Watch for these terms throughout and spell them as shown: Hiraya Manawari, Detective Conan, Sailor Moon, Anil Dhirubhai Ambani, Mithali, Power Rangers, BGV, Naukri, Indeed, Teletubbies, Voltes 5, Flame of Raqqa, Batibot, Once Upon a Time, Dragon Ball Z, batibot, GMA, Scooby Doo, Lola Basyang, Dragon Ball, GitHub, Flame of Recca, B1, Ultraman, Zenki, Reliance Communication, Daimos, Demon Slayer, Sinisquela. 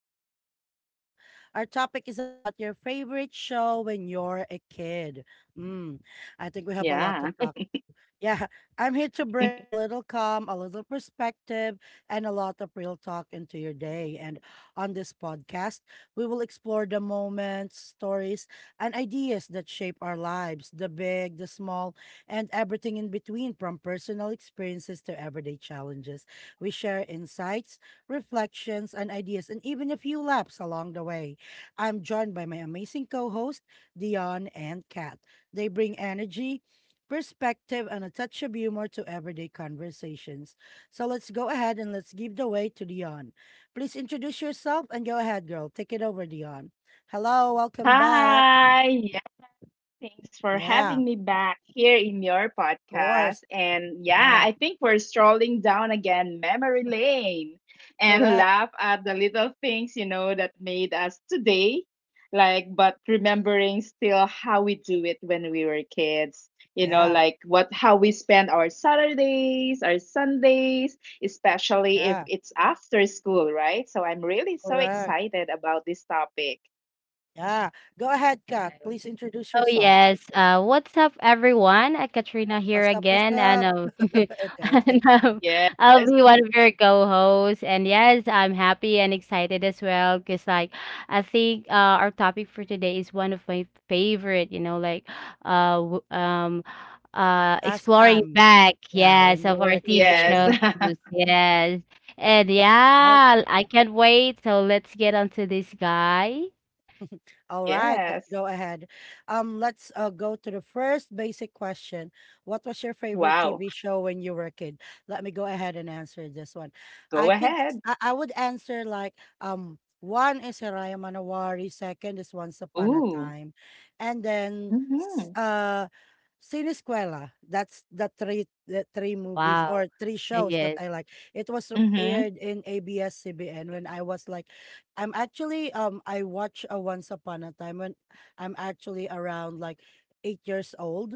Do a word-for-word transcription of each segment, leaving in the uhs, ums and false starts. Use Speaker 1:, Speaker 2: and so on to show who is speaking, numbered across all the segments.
Speaker 1: Reflections with Lisa. Our topic is about your favorite show when you're a kid. Mm, I think we have a lot to
Speaker 2: Yeah.
Speaker 1: talk to. Yeah, I'm here to bring a little calm, a little perspective, and a lot of real talk into your day. And on this podcast, we will explore the moments, stories, and ideas that shape our lives, the big, the small, and everything in between, from personal experiences to everyday challenges. We share insights, reflections, and ideas, and even a few laps along the way. I'm joined by my amazing co host, Dion and Kat. They bring energy, perspective, and a touch of humor to everyday conversations. So let's go ahead and let's give the way to Dion. Please introduce yourself and go ahead, girl. Take it over, Dion. Hello, welcome back.
Speaker 2: Hi. Yeah. Thanks for having
Speaker 1: Yeah,
Speaker 2: me back here in your
Speaker 1: of
Speaker 2: podcast.
Speaker 1: course.
Speaker 2: And yeah,
Speaker 1: Yeah,
Speaker 2: I think we're strolling down again memory lane and
Speaker 1: correct.
Speaker 2: laugh at the little things, you know, that made us today. Like, but remembering still how we do it when we were kids, you know,
Speaker 1: Yeah,
Speaker 2: like what, how we spend our Saturdays, our Sundays, especially if
Speaker 1: yeah,
Speaker 2: it's after school, right? So I'm really so
Speaker 1: correct.
Speaker 2: excited about this topic.
Speaker 1: Yeah. Go ahead, Kat. Please introduce
Speaker 3: Oh
Speaker 1: yourself.
Speaker 3: yes. Uh, what's up, everyone? Uh, Katrina here
Speaker 1: What's up? What's
Speaker 3: again, and
Speaker 1: up?
Speaker 3: um,
Speaker 1: Okay.
Speaker 3: and um,
Speaker 2: Yes,
Speaker 3: I'll be one of your co-hosts. And yes, I'm happy and excited as well because, like, I think uh, our topic for today is one of my favorite. You know, like, uh, w- um, uh,
Speaker 1: Last
Speaker 3: Exploring
Speaker 1: time.
Speaker 3: back.
Speaker 1: Yeah,
Speaker 3: Yes,
Speaker 1: when you
Speaker 3: of
Speaker 1: were
Speaker 3: our
Speaker 1: a
Speaker 3: T V
Speaker 1: kid,
Speaker 2: yes,
Speaker 3: shows. Yes, and
Speaker 1: right?
Speaker 3: yeah, I can't wait. So let's get onto this guy.
Speaker 1: All right, let's
Speaker 2: yes.
Speaker 1: go ahead. Um, let's uh, go to the first basic question. What was your favorite
Speaker 2: Wow,
Speaker 1: T V show when you were a kid? Let me go ahead and answer this one.
Speaker 2: go
Speaker 1: I could,
Speaker 2: ahead.
Speaker 1: s- I, I would answer like, um, one is Hiraya Manawari, second is Once Upon a
Speaker 2: Ooh.
Speaker 1: Time, and then s-
Speaker 2: Mhm,
Speaker 1: uh, Sinisquela. That's the three, the three movies
Speaker 3: Wow.
Speaker 1: or three shows that
Speaker 3: Yes.
Speaker 1: I like. It was
Speaker 2: mhm,
Speaker 1: aired in A B S-C B N when I was like, I'm actually um I watch a Once Upon a Time when I'm actually around like eight years old.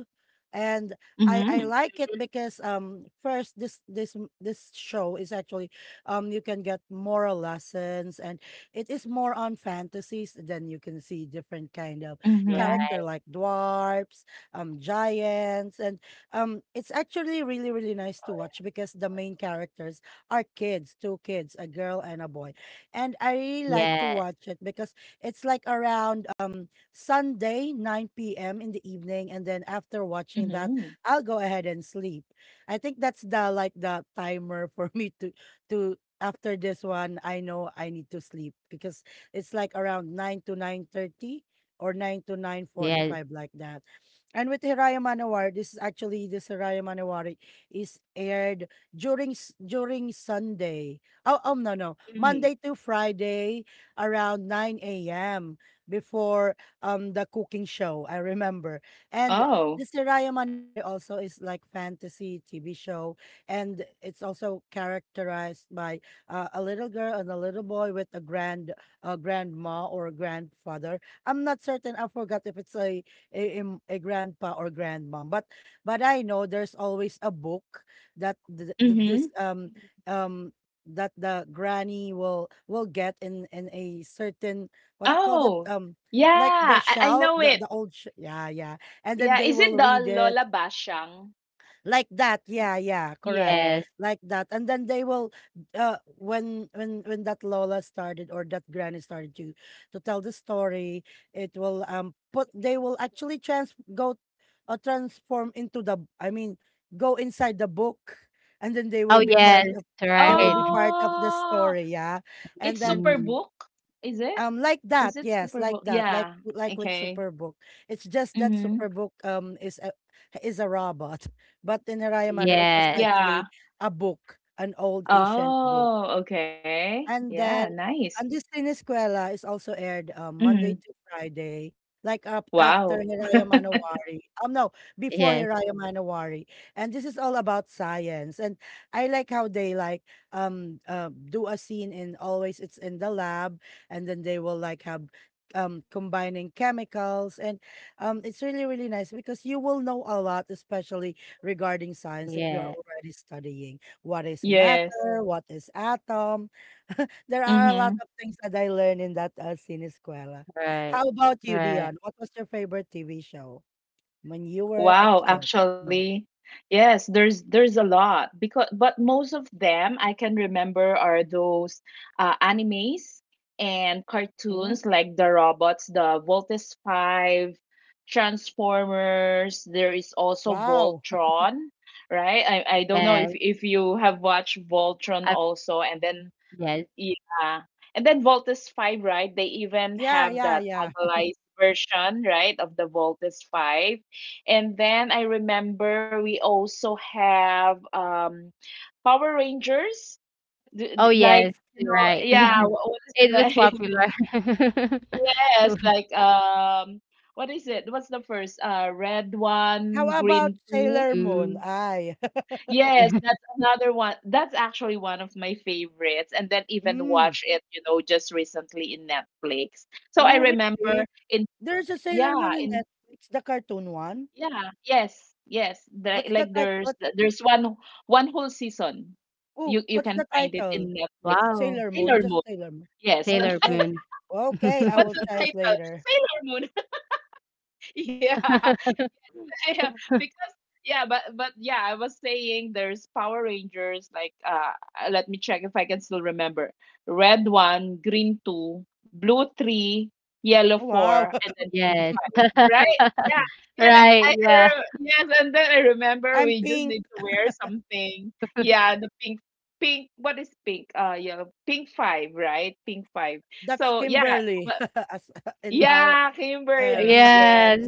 Speaker 1: And I I
Speaker 2: mhm,
Speaker 1: like it because, um first, this this m- this show is actually, um you can get moral lessons, and it is more on fantasies. Then you can see different kind of
Speaker 2: mhm,
Speaker 1: character
Speaker 3: Right.
Speaker 1: like dwarfs, um giants, and um it's actually really really nice to watch because the main characters are kids, two kids, a girl and a boy. And I really
Speaker 3: Yes,
Speaker 1: like to watch it because it's like around um Sunday nine p m in the evening, and then after watching that,
Speaker 2: mhm,
Speaker 1: I'll go ahead and sleep. I think that's the, like, the timer for me to, to after this one I know I need to sleep because it's like around nine to nine thirty or nine to
Speaker 3: yes,
Speaker 1: nine forty-five, like that. And with Hiraya Manowari, this is actually, this Hiraya Manowari is aired during s- during Sunday. Oh, oh no, no,
Speaker 2: mm.
Speaker 1: Monday to Friday around nine a m before um the cooking show, I remember. And
Speaker 2: Oh,
Speaker 1: this Raya Manowari also is like fantasy T V show, and it's also characterized by uh, a little girl and a little boy with a grand uh, grandma or grandfather. I'm not certain. I forgot if it's a a, im- a grandpa or grandmom, but but I know there's always a book that th- th-
Speaker 2: mhm.
Speaker 1: this um um that the granny will will get in in a certain, what you call that,
Speaker 2: Oh,
Speaker 1: um
Speaker 2: yeah,
Speaker 1: like the
Speaker 2: I I
Speaker 1: shell,
Speaker 2: know
Speaker 1: the,
Speaker 2: it.
Speaker 1: the old sh- yeah, yeah, and then
Speaker 2: Yeah,
Speaker 1: they
Speaker 2: is it
Speaker 1: will
Speaker 2: the
Speaker 1: read it,
Speaker 2: Lola Basyang?
Speaker 1: like that, yeah, yeah, correct,
Speaker 2: Yes.
Speaker 3: yes.
Speaker 1: like that. And then they will uh when when when that lola started, or that granny started to, to tell the story, it will, um put they will actually trans go uh, transform into the I mean, go inside the book, and then they will
Speaker 3: Oh,
Speaker 1: be
Speaker 2: Mm,
Speaker 1: part
Speaker 3: yes,
Speaker 2: y-
Speaker 1: of they will be
Speaker 3: right.
Speaker 1: part of the
Speaker 2: Oh,
Speaker 1: story. Yeah. And
Speaker 2: it's
Speaker 1: then,
Speaker 3: Mm,
Speaker 2: Superbook? Is it?
Speaker 1: um, like that,
Speaker 2: Is it
Speaker 1: yes, like
Speaker 2: Superbook?
Speaker 1: that, like
Speaker 2: Yeah,
Speaker 1: like with
Speaker 2: okay.
Speaker 1: Superbook. It's just that
Speaker 2: Mm-hmm.
Speaker 1: Superbook um is a, is a robot, but in Harayamani, it was
Speaker 3: yes,
Speaker 2: Yeah.
Speaker 1: actually a book, an old ancient book.
Speaker 2: Oh, okay.
Speaker 1: And
Speaker 2: Yeah,
Speaker 1: then
Speaker 2: nice.
Speaker 1: Andesina Escuela is also aired, um, Monday
Speaker 2: Mhm.
Speaker 1: to Friday, like, up after
Speaker 2: Wow.
Speaker 1: Hiraya Manowari. Um, no, before
Speaker 3: yes,
Speaker 1: Hiraya Manowari. And this is all about science. And I like how they like um uh, do a scene in, always it's in the lab, and then they will like have um combining chemicals, and um it's really really nice because you will know a lot, especially regarding science, if you are
Speaker 3: yeah,
Speaker 1: already studying what is
Speaker 2: Yes.
Speaker 1: matter, what is atom. There are a lot
Speaker 2: Mhm.
Speaker 1: of things that I learned in that uh, Sinescuela.
Speaker 3: right,
Speaker 1: How about you,
Speaker 3: right.
Speaker 1: Dion? What was your favorite T V show when you were a
Speaker 2: Wow,
Speaker 1: kid? Mm.
Speaker 2: actually. Yes, there's there's a lot, because but most of them I can remember are those uh, animes and
Speaker 1: Mm-hmm.
Speaker 2: cartoons, like the robots, the Voltes five, Transformers, there is also
Speaker 1: Wow.
Speaker 2: Voltron, right? I I don't know
Speaker 3: Yes,
Speaker 2: if if you have watched Voltron
Speaker 3: I,
Speaker 2: also, and then
Speaker 3: yes.
Speaker 2: yeah. And then Voltes five, right? They even
Speaker 1: Yeah,
Speaker 2: have
Speaker 1: yeah,
Speaker 2: the
Speaker 1: yeah.
Speaker 2: tagalized version, right, of the Voltes five. And then I remember we also have um Power Rangers. D-
Speaker 3: Oh,
Speaker 2: d- like,
Speaker 3: yes,
Speaker 2: you know,
Speaker 3: right.
Speaker 2: yeah, wha- what is it?
Speaker 3: It was
Speaker 2: Like,
Speaker 3: popular.
Speaker 2: yes, like um what is it? What's the first? Uh red one,
Speaker 1: How about
Speaker 2: green two.
Speaker 1: Sailor Moon?
Speaker 3: Mm,
Speaker 1: Ay.
Speaker 2: Yes, that's another one. That's actually one of my favorites. And then even
Speaker 1: Mm.
Speaker 2: watch it, you know, just recently in Netflix. So I
Speaker 1: Oh,
Speaker 2: remember
Speaker 1: really?
Speaker 2: in,
Speaker 1: There's a Sailor
Speaker 2: yeah,
Speaker 1: Moon in
Speaker 2: in,
Speaker 1: Netflix, the cartoon one.
Speaker 2: yeah, yes, yes. The,
Speaker 1: What's the
Speaker 2: like
Speaker 1: title?
Speaker 2: there's
Speaker 1: What?
Speaker 2: there's one one whole season.
Speaker 1: Oh,
Speaker 2: You you
Speaker 1: what's the
Speaker 2: can find it
Speaker 1: title?
Speaker 2: in Netflix.
Speaker 3: Wow,
Speaker 1: Sailor Moon,
Speaker 2: Sailor
Speaker 1: just
Speaker 2: Moon.
Speaker 1: Sailor Moon.
Speaker 2: Yes.
Speaker 1: Oh,
Speaker 3: Sailor
Speaker 1: okay.
Speaker 3: Moon.
Speaker 1: Okay, I
Speaker 2: What's
Speaker 1: will
Speaker 2: the
Speaker 1: try it
Speaker 2: title?
Speaker 1: later.
Speaker 2: Sailor Moon. Yeah. Yeah, because yeah, but but yeah, I was saying there's Power Rangers. Like, uh, uh, let me check if I can still remember. Red one, green two, blue three, yellow
Speaker 1: Wow.
Speaker 2: four, and then pink.
Speaker 3: Yes,
Speaker 2: Right? Yeah. Yeah, and I,
Speaker 3: right,
Speaker 2: I
Speaker 3: yeah,
Speaker 2: re- yes, and then I remember
Speaker 1: I'm
Speaker 2: we just
Speaker 1: pink.
Speaker 2: need to wear something. Yeah, the pink, pink. What is pink? Uh, yeah, pink five, right? Pink five.
Speaker 1: That's
Speaker 2: So yeah,
Speaker 1: Kimberly as in our
Speaker 2: yeah,
Speaker 1: era.
Speaker 2: Kimberly. Yes.
Speaker 3: yes.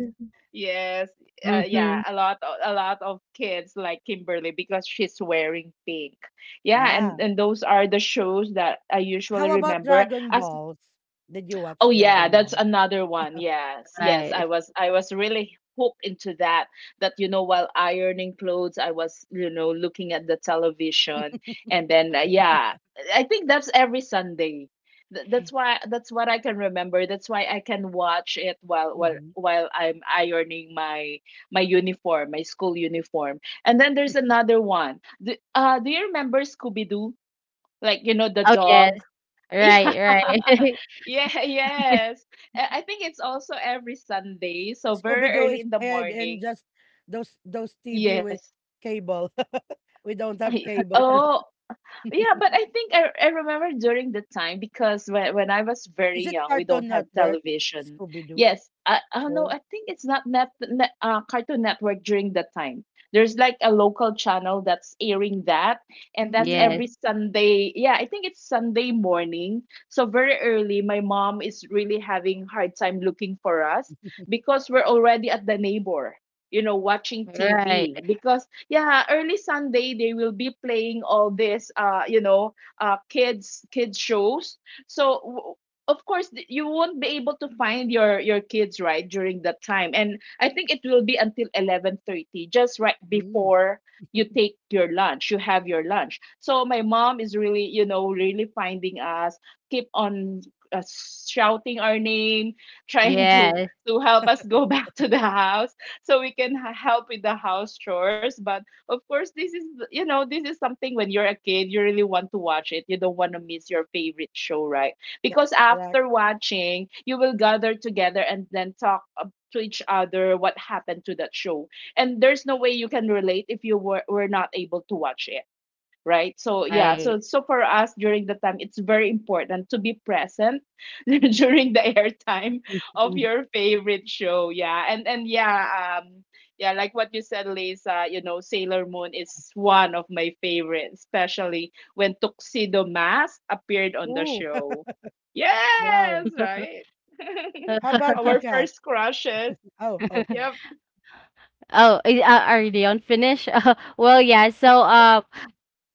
Speaker 2: Yes. Uh, yeah,
Speaker 3: Mm-hmm.
Speaker 2: a lot o- a lot of kids like Kimberly because she's wearing pink. Yeah, and
Speaker 1: Yeah.
Speaker 2: and those are the shows that I usually
Speaker 1: How about
Speaker 2: remember
Speaker 1: Dragon
Speaker 2: as—
Speaker 1: Balls? Did you watch
Speaker 2: Oh yeah,
Speaker 1: Dragon
Speaker 2: that's
Speaker 1: Ball?
Speaker 2: another one. Yes, yes, I
Speaker 3: Right.
Speaker 2: was I was really hooked into that. That you know, while ironing clothes, I was, you know looking at the television, and then, uh, yeah, I think that's every Sunday. Th- That's why, that's what I can remember. That's why I can watch it while while
Speaker 1: Mm-hmm.
Speaker 2: while I'm ironing my my uniform, my school uniform. And then there's another one. Do, uh, do you remember Scooby Doo? Like you know the
Speaker 3: Oh, yes,
Speaker 2: dog, yeah.
Speaker 3: right, right.
Speaker 2: Yeah, yes. Uh, I think it's also every Sunday, so
Speaker 1: Scooby
Speaker 2: very
Speaker 1: Doo
Speaker 2: early
Speaker 1: is
Speaker 2: in the
Speaker 1: aired in
Speaker 2: morning.
Speaker 1: just those those T V with
Speaker 2: Yes.
Speaker 1: cable. We don't have
Speaker 2: I,
Speaker 1: cable.
Speaker 2: oh, Yeah, but I think I, I remember, during the time, because when, when I was very
Speaker 1: Is it
Speaker 2: young, we
Speaker 1: Cartoon
Speaker 2: don't have
Speaker 1: Network?
Speaker 2: television.
Speaker 1: Scooby Doo.
Speaker 2: Yes, I, I don't know.
Speaker 1: Oh.
Speaker 2: I think it's not net, net uh, Cartoon Network during that time. There's like a local channel that's airing that, and that's
Speaker 3: Yes,
Speaker 1: Mm.
Speaker 2: every Sunday. Yeah, I think it's Sunday morning. So very early, my mom is really having hard time looking for us, because we're already at the neighbor. You know, watching
Speaker 3: right.
Speaker 2: T V, because yeah, early Sunday they will be playing all this uh you know uh kids kids shows. So, w- of course, th- you won't be able to find your your kids, right, during that time. And I think it will be until eleven thirty, just right
Speaker 1: Mm.
Speaker 2: before you take your lunch, you have your lunch. So my mom is really, you know really finding us, keep on uh, shouting our name, trying to
Speaker 3: Yes,
Speaker 2: to help us go back to the house so we can h- help with the house chores. But of course, this is, you know this is something, when you're a kid, you really want to watch it, you don't want to miss your favorite show, right?
Speaker 1: Yeah.
Speaker 2: Because
Speaker 1: Correct.
Speaker 2: after watching, you will gather together and then talk ab- to each other what happened to that show, and there's no way you can relate if you were, were not able to watch it, right? So yeah,
Speaker 3: right.
Speaker 2: so so for us, during the time, it's very important to be present during the airtime of your favorite show. Yeah, and and yeah, um yeah, like what you said, Lisa, you know Sailor Moon is one of my favorites, especially when Tuxedo Mask appeared on the
Speaker 1: Ooh.
Speaker 2: show.
Speaker 1: Wow.
Speaker 2: Yes, right.
Speaker 1: How about you,
Speaker 2: Our
Speaker 1: Kat?
Speaker 2: first crushes.
Speaker 1: Oh, okay.
Speaker 2: Yep.
Speaker 3: Oh, i- uh, are they on finish? Well, yeah. So, uh,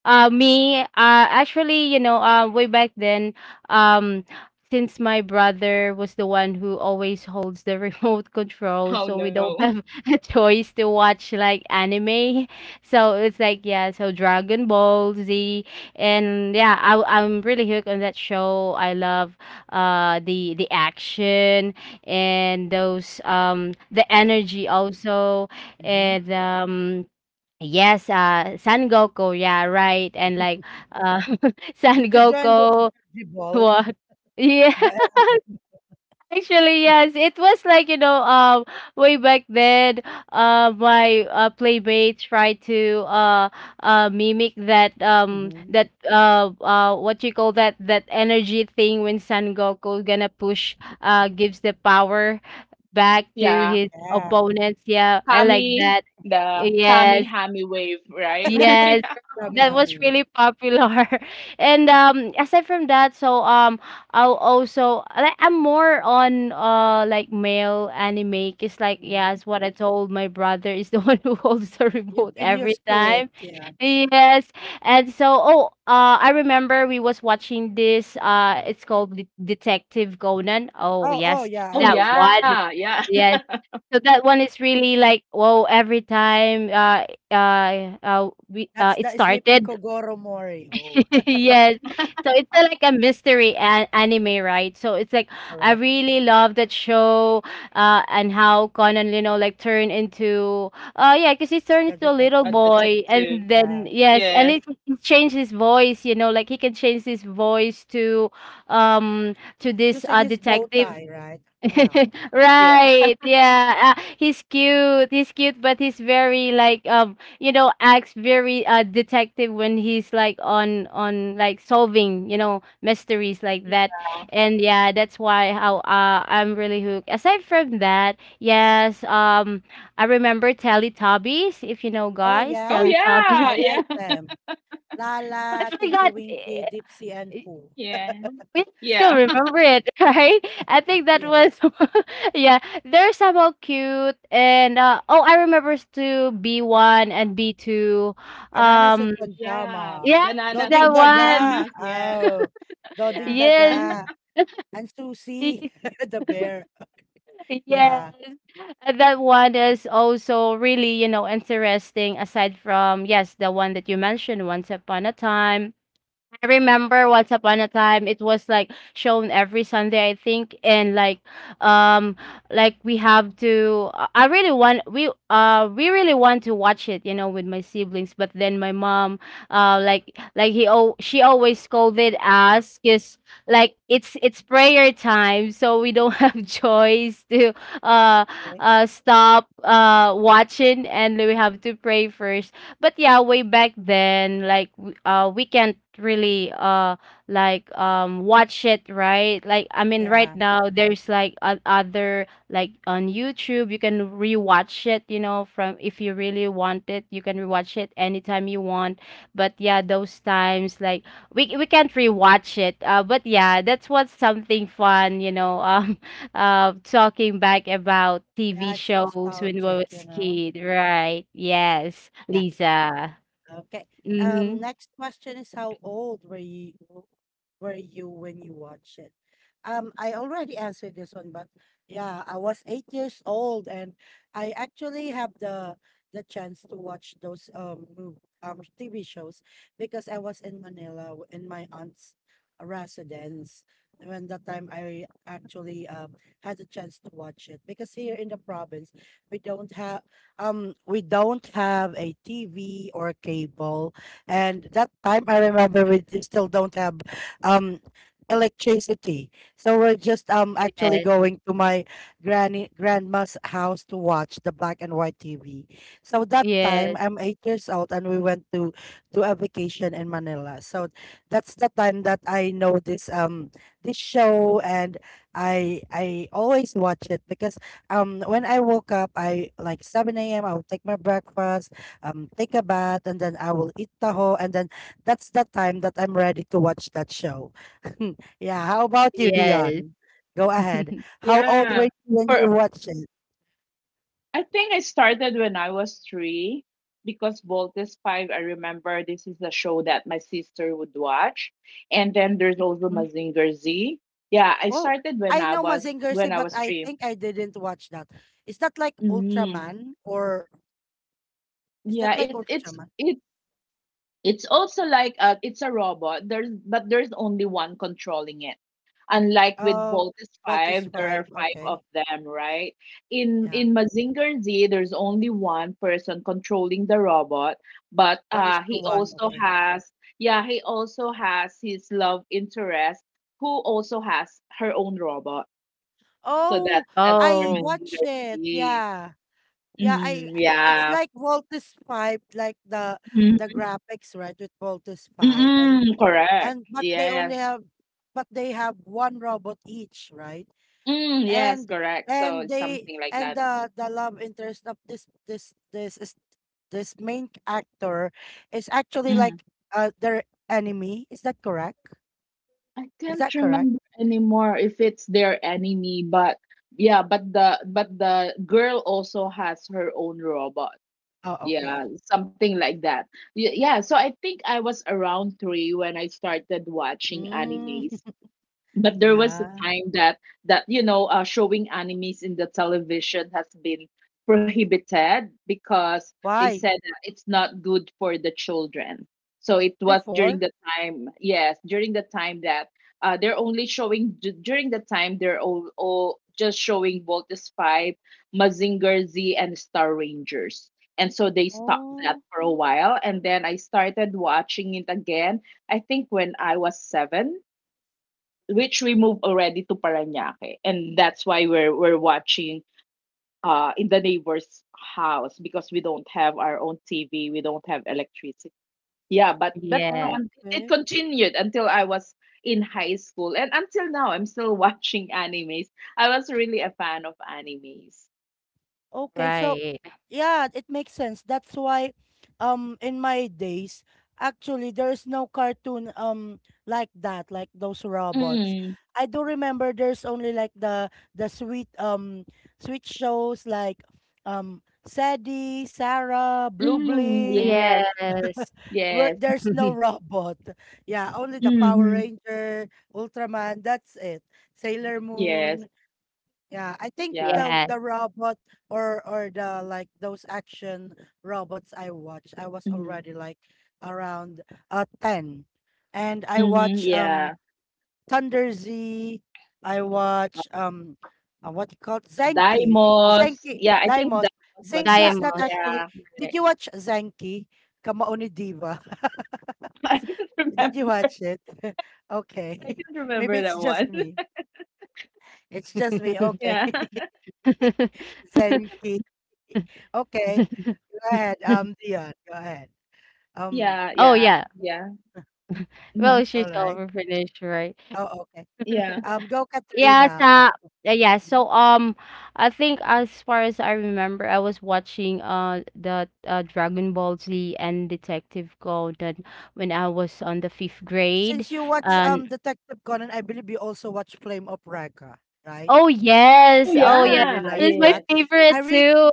Speaker 3: Uh, me, uh, Actually, you know, uh, way back then, um, since my brother was the one who always holds the remote control,
Speaker 2: Oh
Speaker 3: so we don't
Speaker 2: no.
Speaker 3: have a choice to watch like anime. So it's like yeah, so Dragon Ball Z, and yeah, I, I'm really hooked on that show. I love uh the the action and those um the energy also,
Speaker 1: Mm-hmm.
Speaker 3: and um yes, uh, San Goku, yeah, right. And like uh San
Speaker 1: Did you join the
Speaker 3: Goku,
Speaker 1: energy ball?
Speaker 3: what? Yeah,
Speaker 1: The, E-,
Speaker 3: actually, yes. It was like, you know, um way back then, uh my uh playmate tried to uh uh mimic that um
Speaker 1: mm-hmm.
Speaker 3: that uh uh what you call that, that energy thing when San Goku gonna push, uh gives the power back to
Speaker 2: Yeah.
Speaker 3: his
Speaker 1: Yeah.
Speaker 3: opponents, yeah, I like
Speaker 2: Kami,
Speaker 3: that.
Speaker 2: the Kami
Speaker 3: Yes.
Speaker 2: Hami wave, right?
Speaker 3: Yes,
Speaker 2: Yeah.
Speaker 1: Yummy,
Speaker 3: that was
Speaker 1: yummy.
Speaker 3: really popular. And
Speaker 1: Mhm.
Speaker 3: um aside from that, so um I'll also like, I'm more on uh like male anime. It's like yeah, it's what I told my brother is the one who holds the remote
Speaker 1: You've been
Speaker 3: every
Speaker 1: used to it,
Speaker 3: time.
Speaker 1: yeah.
Speaker 3: Yes. And so oh uh I remember we was watching this, uh it's called Det- Detective Conan. Oh
Speaker 1: Oh, oh,
Speaker 3: yes.
Speaker 1: yeah, I
Speaker 2: Oh
Speaker 3: That
Speaker 1: watched that too.
Speaker 2: yeah,
Speaker 3: one.
Speaker 2: yeah.
Speaker 3: So that one is really like, whoa, every time uh uh uh we uh
Speaker 1: That's
Speaker 3: it
Speaker 1: the sleeping
Speaker 3: started.
Speaker 1: Kogoro Mori. Oh,
Speaker 3: Yes. So it's a, like a mystery an- anime, right? So it's like I
Speaker 1: correct.
Speaker 3: really love that show uh and how Conan, you know, like turned into, uh, yeah, because he turned
Speaker 1: The
Speaker 3: into a
Speaker 2: A
Speaker 3: little
Speaker 1: detective.
Speaker 3: boy, and
Speaker 2: detective.
Speaker 3: then
Speaker 1: Yeah.
Speaker 3: yes,
Speaker 2: Yes.
Speaker 3: and it, he changed his voice, you know, like he can change his voice to um to this
Speaker 1: Using
Speaker 3: uh
Speaker 1: his bow
Speaker 3: detective.
Speaker 1: tie, right? Yeah.
Speaker 2: Yeah.
Speaker 3: Right. Yeah. Uh, he's cute. He's cute, but he's very like, um, you know, acts very uh detective when he's like on on like solving, you know, mysteries like that. And yeah, that's why how uh I'm really hooked. Aside from that, yes, um I remember Teletubbies, if you know
Speaker 1: Oh,
Speaker 3: guys,
Speaker 2: Oh
Speaker 1: yeah.
Speaker 3: Teletubbies.
Speaker 1: I
Speaker 2: yeah,
Speaker 1: like
Speaker 2: yeah.
Speaker 1: them.
Speaker 3: I
Speaker 1: Lala, Tinky
Speaker 3: forgot.
Speaker 1: Winky, Dipsy, and
Speaker 3: Eh,
Speaker 1: Pooh.
Speaker 2: Yeah.
Speaker 3: we still
Speaker 2: Yeah.
Speaker 3: remember it, right? I think that
Speaker 1: Yeah.
Speaker 3: was, yeah, they're somehow cute. And uh, oh, I remember too B one and B two.
Speaker 1: Bananas in
Speaker 3: Um,
Speaker 2: Yeah.
Speaker 1: Pajama,
Speaker 3: yes,
Speaker 2: Bananas
Speaker 3: that
Speaker 1: Doding
Speaker 2: in
Speaker 3: one.
Speaker 1: Daga.
Speaker 2: pajamas, yes.
Speaker 1: Oh, Doding
Speaker 2: Yeah.
Speaker 3: Yes,
Speaker 1: Daga, and Susie, the bear.
Speaker 3: yes.
Speaker 1: Yeah,
Speaker 3: And that one is also really, you know, interesting aside from, yes, the one that you mentioned, Once Upon a Time. I remember once upon a time it was like shown every Sunday I think, and like, um like we have to, I I really want, we uh we really want to watch it, you know, with my siblings, but then my mom, uh like like he oh she always scolded us, cuz like it's it's prayer time, so we don't have choice to uh
Speaker 1: okay.
Speaker 3: uh stop uh watching, and we have to pray first. But yeah, way back then, like, w- uh we can't really uh like um watch it, right? Like I mean, right
Speaker 1: Yeah,
Speaker 3: now there's like o- other, like on YouTube you can rewatch it, you know, from, if you really want it you can rewatch it anytime you want. But yeah, those times like we we can't rewatch it. Uh but yeah, that's what's something fun, you know. Um uh, talking back about T V
Speaker 1: yeah, it's
Speaker 3: shows when we
Speaker 1: nostalgic, you
Speaker 3: was
Speaker 1: know.
Speaker 3: kid, right? Yes,
Speaker 1: Yeah.
Speaker 3: Lisa.
Speaker 1: Okay.
Speaker 3: Mm-hmm.
Speaker 1: Um, next question is, how old were you, were you when you watched it? Um, I already answered this one, but yeah, I was eight years old, and I actually have the the chance to watch those um mov- um T V shows because I was in Manila, w- in my aunt's residence. When that time, I actually um had the chance to watch it because here in the province, we don't have um we don't have a T V or cable. And that time, I remember we, d- still don't have, um electricity. So we're just, um actually
Speaker 3: Yes,
Speaker 1: going to my granny, grandma's house to watch the black and white T V. So that
Speaker 3: yes,
Speaker 1: time, I'm eight years old, and we went to, to a vacation in Manila. So that's the time that I know this, um this show, and I I always watch it because, um when I woke up, I, like, seven a m, I will take my breakfast, um, take a bath, and then I will eat taho, and then that's the time that I'm ready to watch that show. Yeah, how about you,
Speaker 3: yes.
Speaker 1: Dion? Go ahead. How old
Speaker 2: Yeah.
Speaker 1: were you when
Speaker 2: For
Speaker 1: you watched it?
Speaker 2: I think I started when I was three, because Voltes five, I remember this is a show that my sister would watch. And then there's also Mazinger Z. Yeah, I
Speaker 1: Oh,
Speaker 2: started when
Speaker 1: I
Speaker 2: I
Speaker 1: know
Speaker 2: was
Speaker 1: Mazinger Z,
Speaker 2: when I
Speaker 1: but
Speaker 2: was
Speaker 1: I
Speaker 2: three.
Speaker 1: think I didn't watch that. Is that like
Speaker 2: Mm,
Speaker 1: Ultraman, or is that
Speaker 2: yeah,
Speaker 1: like
Speaker 2: it's it's
Speaker 1: Ultraman?
Speaker 2: it's it's also like uh it's a robot. There's but there's only one controlling it. Unlike with
Speaker 1: Oh,
Speaker 2: Voltes
Speaker 1: Vault is
Speaker 2: five, there
Speaker 1: five.
Speaker 2: are five of
Speaker 1: Okay.
Speaker 2: them, right? In
Speaker 1: Yeah.
Speaker 2: in Mazinger Z, there's only one person controlling the robot, but
Speaker 1: One is
Speaker 2: uh
Speaker 1: to
Speaker 2: he
Speaker 1: one.
Speaker 2: also
Speaker 1: Okay.
Speaker 2: has, yeah, he also has his love interest, who also has her own robot. So that
Speaker 1: Oh,
Speaker 2: that's for
Speaker 1: I
Speaker 3: Oh,
Speaker 1: watch
Speaker 2: Mazinger
Speaker 1: it.
Speaker 2: Z.
Speaker 1: Yeah. Yeah. I.
Speaker 2: Hmm.
Speaker 1: It's
Speaker 2: Yeah.
Speaker 1: like Vault is five, like the the graphics, right? With Vault is five, and
Speaker 2: Mm, correct.
Speaker 1: and but they
Speaker 2: Yes.
Speaker 1: only have, but they have one robot each, right?
Speaker 2: Mm, yes,
Speaker 1: And
Speaker 2: correct. So
Speaker 1: and
Speaker 2: it's
Speaker 1: they,
Speaker 2: something like
Speaker 1: and
Speaker 2: that.
Speaker 1: the the love interest of this, this this is this main actor, is actually
Speaker 2: Mm.
Speaker 1: like uh their enemy. Is that correct?
Speaker 2: I
Speaker 1: Is
Speaker 2: can't
Speaker 1: that correct?
Speaker 2: remember anymore if it's their enemy, but yeah, but the but the girl also has her own robot.
Speaker 1: Oh, okay.
Speaker 2: Yeah, something like that. Y- Yeah, so I think I was around three when I started watching
Speaker 1: Mm,
Speaker 2: animes. But there was a
Speaker 1: yeah.
Speaker 2: time that that, you know uh, showing animes in the television has been prohibited, because they
Speaker 1: Why?
Speaker 2: said that it's not good for the children. So it was during
Speaker 1: Before?
Speaker 2: the time, yes, during the time that, uh, they're only showing, d- during the time, they're all, all just showing both the spy Mazinger Z and Star Rangers. And so they stopped that
Speaker 1: Oh,
Speaker 2: for a while, and then I started watching it again, I think when I was seven, which we moved already to Paranaque, and that's why we're we're watching uh in the neighbor's house, because we don't have our own T V, we don't have electricity. Yeah, but but you know,
Speaker 3: yes,
Speaker 2: and it
Speaker 1: okay.
Speaker 2: continued until I was in high school, and until now, I'm still watching animes. I was really a fan of animes.
Speaker 1: Okay, so
Speaker 3: right.
Speaker 1: yeah, it makes sense. That's why, um in my days, actually there's no cartoon, um like that, like those robots.
Speaker 2: Mm,
Speaker 1: I do remember there's only like the the sweet, um sweet shows like, um Sadie, Sarah, Blue
Speaker 2: mm,
Speaker 1: Bling,
Speaker 2: yes,
Speaker 3: Yes,
Speaker 1: where
Speaker 2: yes,
Speaker 1: there's no robot. Yeah, only the Power
Speaker 2: mm-hmm,
Speaker 1: Ranger, Ultraman, that's it. Sailor
Speaker 2: yes,
Speaker 1: Moon. Yeah, I think
Speaker 2: yeah,
Speaker 1: the
Speaker 3: yes.
Speaker 1: the robot, or or the, like those action robots I watched, I was already
Speaker 2: mm-hmm,
Speaker 1: like around uh ten. And I
Speaker 2: mm-hmm,
Speaker 1: watch um
Speaker 2: yeah.
Speaker 1: Thunder Z, I watch um uh, what you call Zenki.
Speaker 2: Dimos.
Speaker 1: Zenki
Speaker 2: Yeah, I think
Speaker 1: Daimos.
Speaker 2: Dimos was
Speaker 3: I
Speaker 1: Zenki
Speaker 3: am
Speaker 2: back.
Speaker 1: is not
Speaker 3: monster.
Speaker 1: actually,
Speaker 2: Yeah.
Speaker 1: did you watch Zenki? Kamaoni Diva.
Speaker 2: I can
Speaker 1: Did you
Speaker 2: remember.
Speaker 1: watch it? Okay.
Speaker 2: I can
Speaker 1: Maybe
Speaker 2: remember
Speaker 1: it's
Speaker 2: that
Speaker 1: just
Speaker 2: one.
Speaker 1: me. It's just me. Okay.
Speaker 2: Yeah.
Speaker 1: Zenki. Okay. Go ahead. Um, Dion, go ahead. Um,
Speaker 2: Yeah,
Speaker 3: Oh
Speaker 2: yeah,
Speaker 3: yeah.
Speaker 2: yeah.
Speaker 3: Well,
Speaker 2: Hmm.
Speaker 3: she's
Speaker 1: all right.
Speaker 3: over finished, right?
Speaker 1: Oh, okay.
Speaker 2: Yeah.
Speaker 1: Um, go
Speaker 3: Yes,
Speaker 1: Katrina. Oh,
Speaker 3: uh, uh, yeah.
Speaker 1: mhm.
Speaker 3: So um, I think as far as I remember, I was watching uh the uh, Dragon Ball Z and Detective Golden when I was on the fifth grade.
Speaker 1: Since you watch
Speaker 3: And
Speaker 1: um Detective Conan, I believe you also watch Flame of Raqqa, right?
Speaker 3: oh
Speaker 2: Oh
Speaker 3: yes,
Speaker 1: Yeah,
Speaker 3: oh
Speaker 1: I
Speaker 3: yeah,
Speaker 1: really
Speaker 2: yeah,
Speaker 1: like
Speaker 3: this is my
Speaker 2: yes.
Speaker 1: that. I,
Speaker 3: favorite
Speaker 1: re
Speaker 3: too.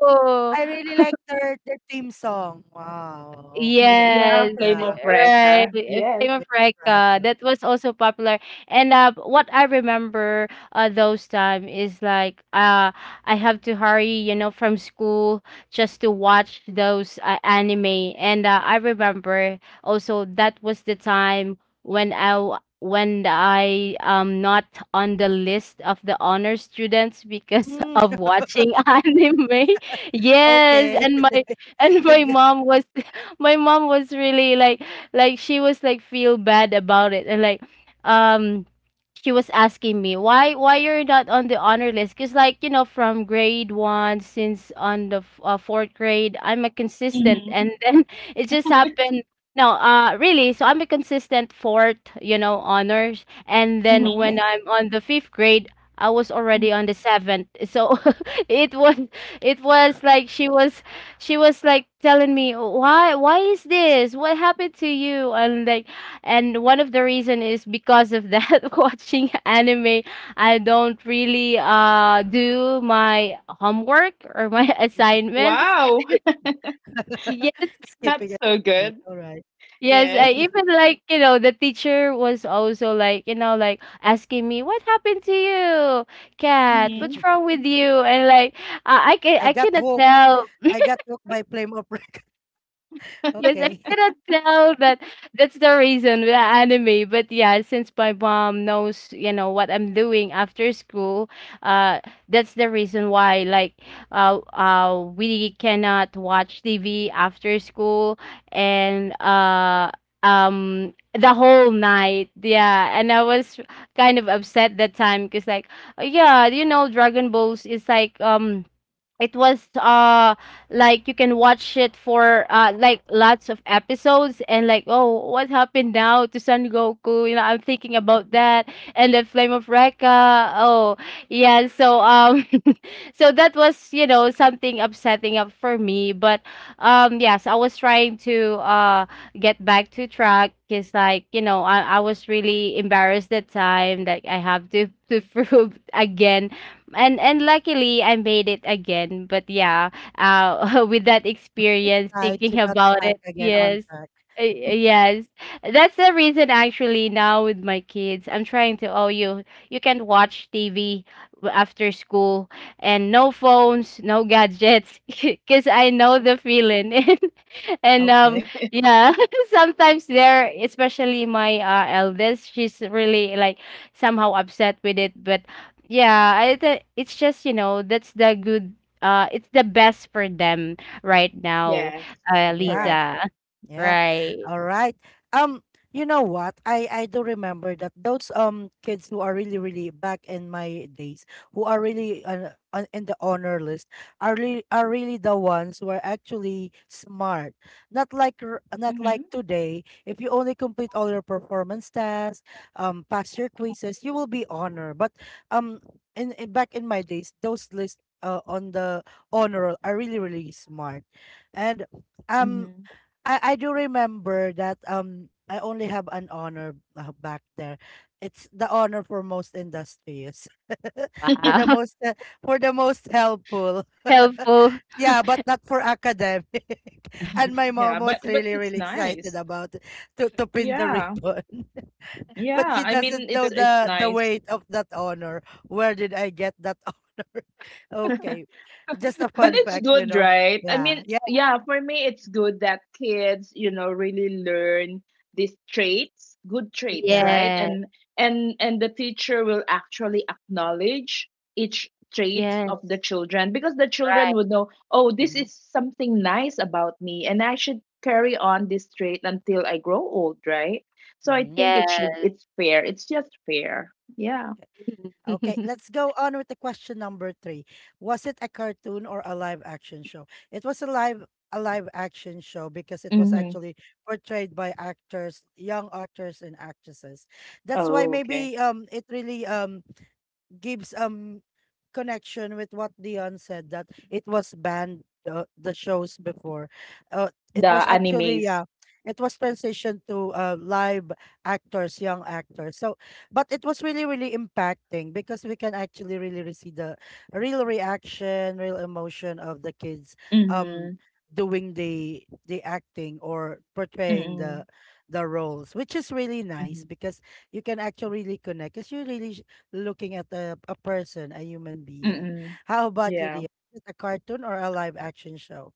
Speaker 1: I really like their their theme song. Wow.
Speaker 2: Mm, yeah,
Speaker 3: Yes,
Speaker 2: Flame of
Speaker 1: Yeah,
Speaker 3: right.
Speaker 2: Recca.
Speaker 3: A
Speaker 2: Yes.
Speaker 3: few of
Speaker 1: Flame of
Speaker 3: Reka.
Speaker 1: Raqqa.
Speaker 3: That was also popular. And uh, what I remember, uh, those time is like, uh, I have to hurry, you know, from school just to watch those, uh, anime. And uh, I remember also that was the time when I w- when I am not on the list of the honor students because
Speaker 1: Mm,
Speaker 3: of watching anime. Yes,
Speaker 1: okay.
Speaker 3: and my and my
Speaker 1: You,
Speaker 3: mom was my mom was really like like she was like feel bad about it, and like, um she was asking me why why you're not on the honor list because, like, you know, from grade one, since on the f- uh, fourth grade I'm a consistent,
Speaker 2: Mm-hmm.
Speaker 3: and then it just happened. No, uh really, so I'm a consistent fourth, you know, honors, and then
Speaker 2: Mm-hmm.
Speaker 3: when
Speaker 1: okay.
Speaker 3: I'm on the fifth grade I was already on the seventh. So it was, it was like she was, she was like telling me why why is this, what happened to you, and like, and one of the reason is because of that, watching anime, I don't really uh do my homework or my assignments.
Speaker 2: Wow.
Speaker 3: Yes,
Speaker 1: Skipping
Speaker 2: Not so
Speaker 1: assignment.
Speaker 2: good.
Speaker 1: All right.
Speaker 3: yes,
Speaker 2: Yes.
Speaker 3: I even like, you know, the teacher was also like, you know, like asking me what happened to you, Cat,
Speaker 2: Mm-hmm.
Speaker 3: what's wrong with you, and like, I I I,
Speaker 1: I
Speaker 3: c- I
Speaker 1: got
Speaker 3: couldn't
Speaker 1: hooked.
Speaker 3: tell.
Speaker 1: I got hooked by Flame of Rec.
Speaker 3: Yes, I
Speaker 1: Okay.
Speaker 3: cannot tell that, that's the reason with the anime. But yeah, since my mom knows, you know, what I'm doing after school, uh, that's the reason why, like, uh, uh, we cannot watch T V after school and, uh, um, the whole night. Yeah. And I was kind of upset that time because, like, yeah, you know, Dragon Balls is like, um, it was uh like you can watch it for uh like lots of episodes, and like oh, what happened now to Son Goku, you know, I'm thinking about that, and the Flame of Recca. Oh yeah. So um so that was, you know, something upsetting up for me. But um yes, I was trying to uh get back to track, because, like, you know, I, I was really embarrassed that time that I have to to prove again, and and luckily I made it again. But yeah, uh, with that experience,
Speaker 1: Right, you
Speaker 3: thinking
Speaker 1: got
Speaker 3: about
Speaker 1: back
Speaker 3: it,
Speaker 1: again on
Speaker 3: yes.
Speaker 1: track.
Speaker 3: Uh, Yes, that's the reason actually now with my kids, I'm trying to, oh, you you can watch T V after school, and no phones, no gadgets, because I know
Speaker 1: Mm,
Speaker 3: the feeling. And, and um,
Speaker 1: okay.
Speaker 3: yeah, sometimes there, especially my, uh, eldest, she's really like somehow upset with it, but yeah, I th- it's just, you know, that's the good, uh it's the best for them right now,
Speaker 2: Yes.
Speaker 3: uh
Speaker 2: Correct.
Speaker 1: Yeah.
Speaker 3: Lisa.
Speaker 1: Yeah.
Speaker 3: Right.
Speaker 1: All right. Um, you know what? I I do remember that those um kids who are really really back in my days, who are really uh, on in the honor list, are really, are really the ones who are actually smart. Not like r- not
Speaker 2: Mm-hmm.
Speaker 1: like today, if you only complete all your performance tasks, um, pass your quizzes, you will be honored. But um, in, in back in my days, those lists uh, on the honor roll are really really smart, and um
Speaker 2: Mm-hmm.
Speaker 1: I I do remember that um I only have an honor uh, back there. It's the honor for most industrious, for the
Speaker 3: Wow.
Speaker 1: most uh, for the most helpful.
Speaker 3: Helpful.
Speaker 1: Yeah, but not for academic. And my mom
Speaker 2: Yeah,
Speaker 1: was
Speaker 2: but but
Speaker 1: really
Speaker 2: it's
Speaker 1: really excited
Speaker 2: nice.
Speaker 1: about it, to to pin the
Speaker 2: Yeah.
Speaker 1: ribbon, but
Speaker 2: Yeah.
Speaker 1: she
Speaker 2: I mean,
Speaker 1: doesn't know
Speaker 2: it's it's
Speaker 1: the the
Speaker 2: nice.
Speaker 1: weight of that honor. Where did I get that honor? Okay, just a
Speaker 2: But
Speaker 1: fun
Speaker 2: it's
Speaker 1: fact, you
Speaker 2: good,
Speaker 1: know.
Speaker 2: right? I
Speaker 1: Yeah,
Speaker 2: mean,
Speaker 1: yeah,
Speaker 2: yeah, for me, it's good that kids, you know, really learn these traits, good traits,
Speaker 1: yeah.
Speaker 2: right?
Speaker 3: Yes.
Speaker 2: And and and the teacher will actually acknowledge each traits of the
Speaker 3: Yes.
Speaker 2: children, because the children
Speaker 3: Right.
Speaker 2: would know, oh, this is something nice about me, and I should carry on this trait until I grow old, right? So I
Speaker 1: hmm
Speaker 2: think it should.
Speaker 3: Yes.
Speaker 2: It's fair. It's just fair. Yeah.
Speaker 1: Okay, let's go on with the question number three. Was it a cartoon or a live action show? It was a live a live action show because it was
Speaker 2: Mm-hmm.
Speaker 1: actually portrayed by actors, young actors and actresses. That's why
Speaker 2: Oh, okay.
Speaker 1: maybe um it really um gives um connection with what Dion said that it was banned uh, the shows before. Uh, it was
Speaker 2: The
Speaker 1: actually
Speaker 2: animes.
Speaker 1: yeah, it was transitioned to uh, live actors, young actors. So, but it was really really impacting because we can actually really really see the real reaction, real emotion of the kids. Um
Speaker 2: Mm-hmm.
Speaker 1: doing the the acting or portraying
Speaker 2: Mm-hmm.
Speaker 1: the the roles which is really nice
Speaker 2: Mhm.
Speaker 1: because you can actually really connect because you really sh- looking at a, a person, a human being.
Speaker 2: Mm-mm.
Speaker 1: How about you,
Speaker 2: Yeah.
Speaker 1: Dia? Is it a cartoon or a live action show?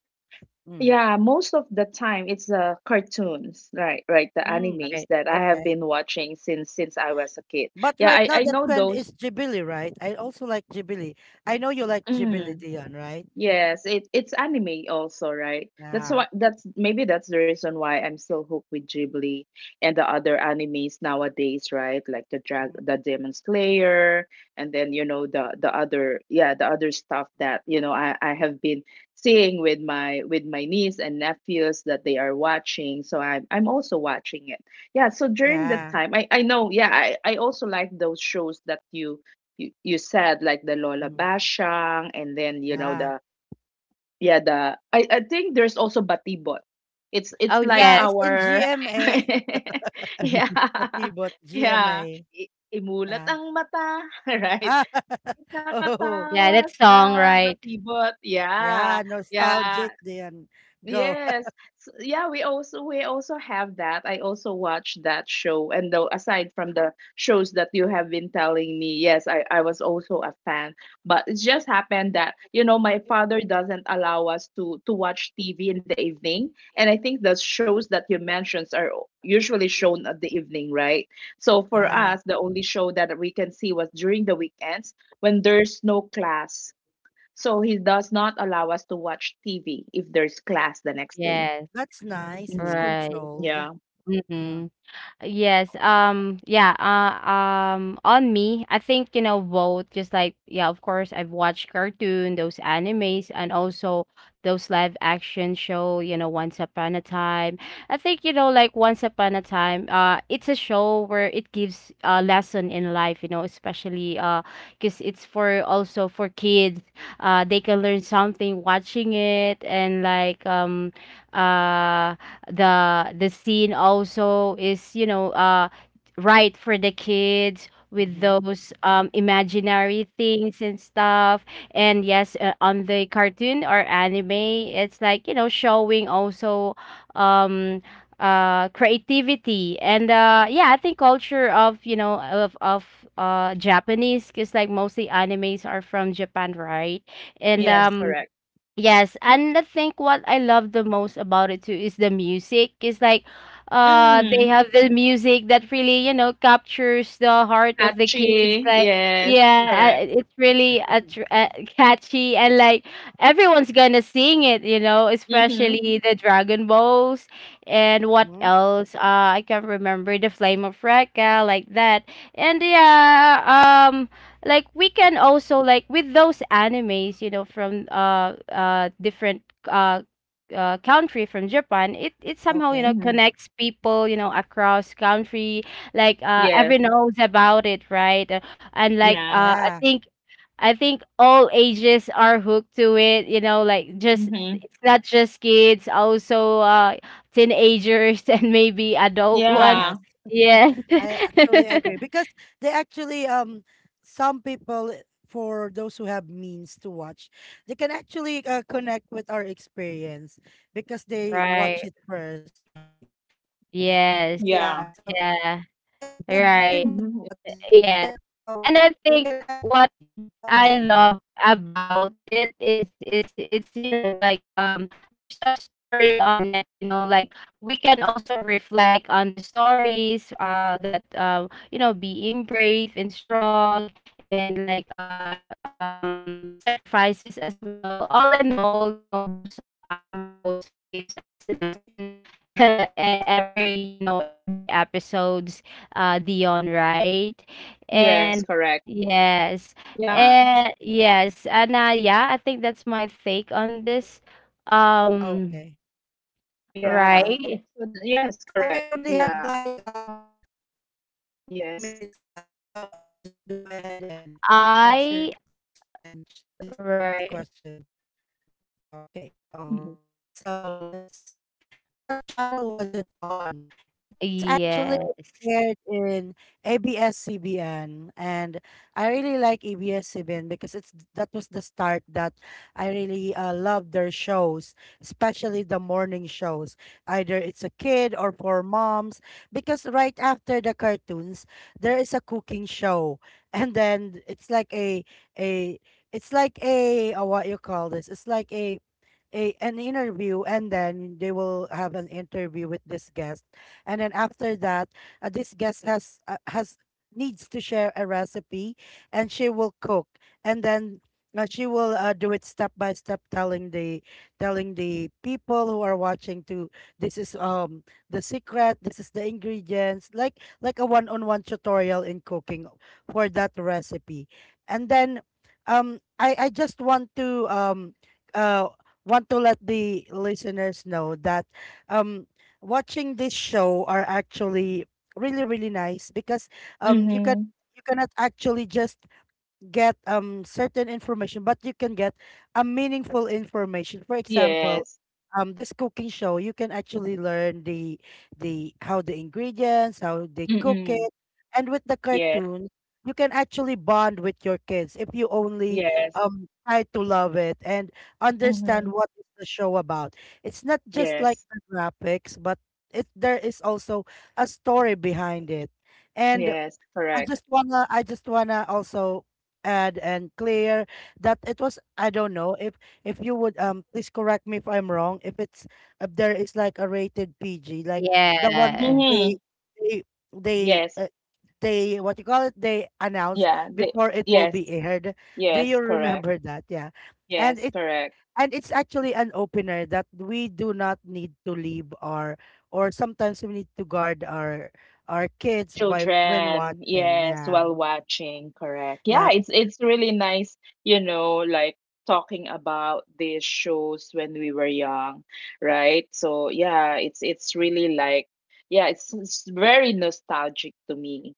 Speaker 1: Mm.
Speaker 2: Yeah, most of the time it's uh cartoons, right? Right, the
Speaker 1: Mm.
Speaker 2: animes
Speaker 3: Right.
Speaker 2: that I have
Speaker 1: Okay.
Speaker 2: been watching since since I was a kid.
Speaker 1: But
Speaker 2: Yeah,
Speaker 1: right
Speaker 2: I
Speaker 1: now
Speaker 2: I
Speaker 1: the
Speaker 2: know
Speaker 1: trend
Speaker 2: those.
Speaker 1: is Ghibli, right? I also like Ghibli. I know you like Ghibli,
Speaker 2: Mm.
Speaker 1: Dion, right?
Speaker 2: Yes, it it's anime also, right? That's
Speaker 1: Yeah.
Speaker 2: why, that's maybe that's the reason why I'm still hooked with Ghibli and the other animes nowadays, right? Like the drag
Speaker 1: Mhm.
Speaker 2: the Demon Slayer, and then you know the the other, yeah, the other stuff that, you know I I have been seeing with my with my niece and nephews that they are watching. So I'm I'm also watching it. Yeah, so during the
Speaker 1: Yeah.
Speaker 2: time I I know, yeah, I I also like those shows that you you, you said, like the Lola
Speaker 1: Mhm.
Speaker 2: Bashang, and then you know
Speaker 1: Yeah.
Speaker 2: the, yeah, the I, I think there's also Batibot. It's
Speaker 3: Oh
Speaker 2: it's like
Speaker 1: Yeah,
Speaker 3: yes.
Speaker 1: it's in
Speaker 2: our
Speaker 1: G M A.
Speaker 2: yeah,
Speaker 1: Batibot,
Speaker 2: yeah,
Speaker 1: G M A.
Speaker 2: I- imulat
Speaker 1: Yeah.
Speaker 2: ang mata, right,
Speaker 1: Ah, oh,
Speaker 3: Yeah,
Speaker 2: nakatawa
Speaker 3: that
Speaker 2: sa
Speaker 3: song, right?
Speaker 2: Batibot, yeah,
Speaker 1: yeah,
Speaker 2: yeah.
Speaker 1: nostalgic, Dion. Go.
Speaker 2: Yes. S Yeah, we also we also have that. I also watched that show. And though, aside from the shows that you have been telling me, yes, I, I was also a fan. But it just happened that, you know, my father doesn't allow us to to watch T V in the evening. And I think the shows that you mentioned are o- usually shown at the evening, right? So for
Speaker 1: Yeah.
Speaker 2: us, the only show that we can see was during the weekends, when there's no class. So he does not allow us to watch T V if there's class the next day.
Speaker 3: Yes.
Speaker 1: That's nice. It's
Speaker 2: Mm.
Speaker 3: Right.
Speaker 1: controlled.
Speaker 2: Yeah.
Speaker 1: Uh,
Speaker 3: Mm-hmm. Yes. Um. Yeah. Uh. Um. On me, I think you know both. Just like yeah, of course, I've watched cartoon, those animes, and also those live action show. You know, Once Upon a Time. I think you know, like Once Upon a Time. Uh, it's a show where it gives a lesson in life. You know, especially uh, because it's for also for kids. Uh, they can learn something watching it, and like, um, uh the the scene also is, you know, uh right for the kids with
Speaker 1: mhm.
Speaker 3: those, um imaginary things and stuff. And yes, uh, on the cartoon or anime it's like, you know, showing also, um uh creativity, and uh yeah, I think culture of, you know, of of uh Japanese, because like mostly animes are from Japan, right? and
Speaker 2: Yes,
Speaker 1: Yes.
Speaker 3: um
Speaker 2: correct.
Speaker 3: Yes, and I think what I love the most about it too is the music. It's like uh they
Speaker 2: Mm.
Speaker 3: have the music that really, you know, captures the heart of the kids.
Speaker 2: Patchy.
Speaker 3: Like
Speaker 2: Yes,
Speaker 3: yeah, uh,
Speaker 2: correct.
Speaker 3: it's really attr uh, catchy, and like everyone's gonna sing it, you know,
Speaker 2: Mm-hmm.
Speaker 3: especially the Dragon Balls. And what
Speaker 1: Mhm.
Speaker 3: else? Uh I can't remember, the Flame of Rekka like that. And yeah, um like we can also like with those animes, you know, from uh uh different uh uh, country, from Japan, it it somehow, you know,
Speaker 1: Okay.
Speaker 2: Mm-hmm.
Speaker 3: connects people, you know, across country. Like, uh,
Speaker 2: Yes.
Speaker 3: everyone knows about it, right? Uh, And like,
Speaker 2: Yeah.
Speaker 3: uh, I
Speaker 1: Yeah.
Speaker 3: think, I think all ages are hooked to it. You know, like, just
Speaker 2: Mm-hmm.
Speaker 3: it's not just kids, also, uh, teenagers and maybe adult ones.
Speaker 2: Yeah.
Speaker 1: Yes.
Speaker 3: Yes,
Speaker 1: I actually agree because they actually um some people eh, for those who have means to watch they can actually uh, connect with our experience because they watch
Speaker 3: right.
Speaker 1: it first, right? And
Speaker 3: Yes.
Speaker 1: yeah,
Speaker 2: Yeah.
Speaker 1: so
Speaker 3: Yeah,
Speaker 1: and the good thing with
Speaker 3: right.
Speaker 1: that
Speaker 2: Mm-hmm.
Speaker 1: is is that
Speaker 3: Yes.
Speaker 1: uh
Speaker 3: And I
Speaker 1: we can
Speaker 3: think
Speaker 1: act.
Speaker 3: what
Speaker 1: hmm Go ahead.
Speaker 3: I love about it is, is it's, you know, like, um there's a story on it, you know, like we can also reflect on the stories uh that, uh, you know, being brave and strong, and like, uh um sacrifices as well. All in all, you know, those, uh, anime also gives us
Speaker 1: Okay.
Speaker 3: lesson e- every, you know, every episodes, uh Dion, right?
Speaker 2: Yes,
Speaker 3: And
Speaker 2: correct.
Speaker 3: yes,
Speaker 2: Yeah.
Speaker 3: and yes, and, uh, nah, yeah, I think that's my take on
Speaker 1: Mm,
Speaker 3: this.
Speaker 1: okay.
Speaker 3: Um,
Speaker 1: All
Speaker 2: Yeah.
Speaker 3: right.
Speaker 1: right.
Speaker 2: So, th- yes,
Speaker 1: So we
Speaker 2: correct.
Speaker 1: only have
Speaker 2: Yeah.
Speaker 1: like um uh, I think two
Speaker 2: Yes.
Speaker 1: minutes left. So I'll just go ahead and answer this
Speaker 3: I
Speaker 1: next question. This next
Speaker 3: Right.
Speaker 1: question. Okay. All
Speaker 2: Mm-hmm.
Speaker 1: right. So let's see. What channel was it on? It was actually
Speaker 3: Yes.
Speaker 1: aired in A B S C B N, and I really like A B S C B N because it's that was the start that I really uh, love their shows, especially the morning shows. Either it's a kid or for moms, because right after the cartoons there is a cooking show and then it's like a a it's like a, uh what you call this? It's like a a an interview, and then they will have an interview with this guest, and then after that uh, this guest has uh, has needs to share a recipe and she will cook, and then uh, she will uh, do it step by step, telling the telling the people who are watching to this is um the secret, this is the ingredients, like like a one on one tutorial in cooking for that recipe. And then um i i just want to um uh want to let the listeners know that um watching this show are actually really really nice because um you can
Speaker 2: Mm-hmm.
Speaker 1: you cannot actually just get um certain information, but you can get a meaningful information. For example,
Speaker 2: Yes.
Speaker 1: um this cooking show, you can actually learn the the how the ingredients, how they cook
Speaker 2: Mm-mm.
Speaker 1: it. And with the
Speaker 2: Yes.
Speaker 1: cartoon, you can actually bond with your kids if you only
Speaker 2: Yes.
Speaker 1: um try to love it and understand
Speaker 2: Mm-hmm.
Speaker 1: what is the show about. It's not just like
Speaker 2: Yes.
Speaker 1: the graphics, but it there is also a story behind it. And
Speaker 2: Yes.
Speaker 1: I
Speaker 2: Correct.
Speaker 1: just wanna I just wanna also add and clear that it was I don't know if if you would um please correct me if I'm wrong, if it's if there is like a rated P G, like the one that
Speaker 3: Yeah.
Speaker 1: they
Speaker 2: Mm-hmm.
Speaker 1: they they
Speaker 2: Yes.
Speaker 1: uh, they what you call it they announce
Speaker 2: Yeah. They,
Speaker 1: before it will
Speaker 2: yes.
Speaker 1: be aired, do
Speaker 2: Yes.
Speaker 1: you
Speaker 2: Correct.
Speaker 1: remember that? Yeah, and
Speaker 2: Yes.
Speaker 1: it
Speaker 2: Correct.
Speaker 1: and it's actually an opener that we do not need to leave our or sometimes we need to guard our our kids by when
Speaker 2: Children.
Speaker 1: watching,
Speaker 2: Yes.
Speaker 1: yeah.
Speaker 2: While watching. Correct. Yeah.
Speaker 1: Yeah.
Speaker 2: It's it's really nice. You know, like talking about these shows when we were young, right? So yeah, it's it's really like, yeah, it's, it's very nostalgic to me.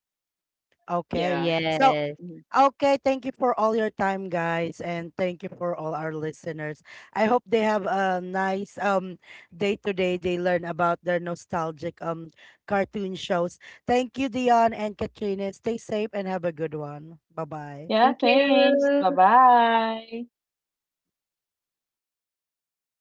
Speaker 1: Okay.
Speaker 2: Yeah.
Speaker 1: So,
Speaker 3: Yes.
Speaker 2: Mhm.
Speaker 1: okay. Thank you for all your time, guys, and thank you for all our listeners. I hope they have a nice um day today. They learn about their nostalgic um cartoon shows. Thank you, Dion and Katrina. Stay safe and have a good one. Bye bye.
Speaker 3: Thank
Speaker 2: Yeah. Thanks. Bye
Speaker 3: you.
Speaker 2: bye.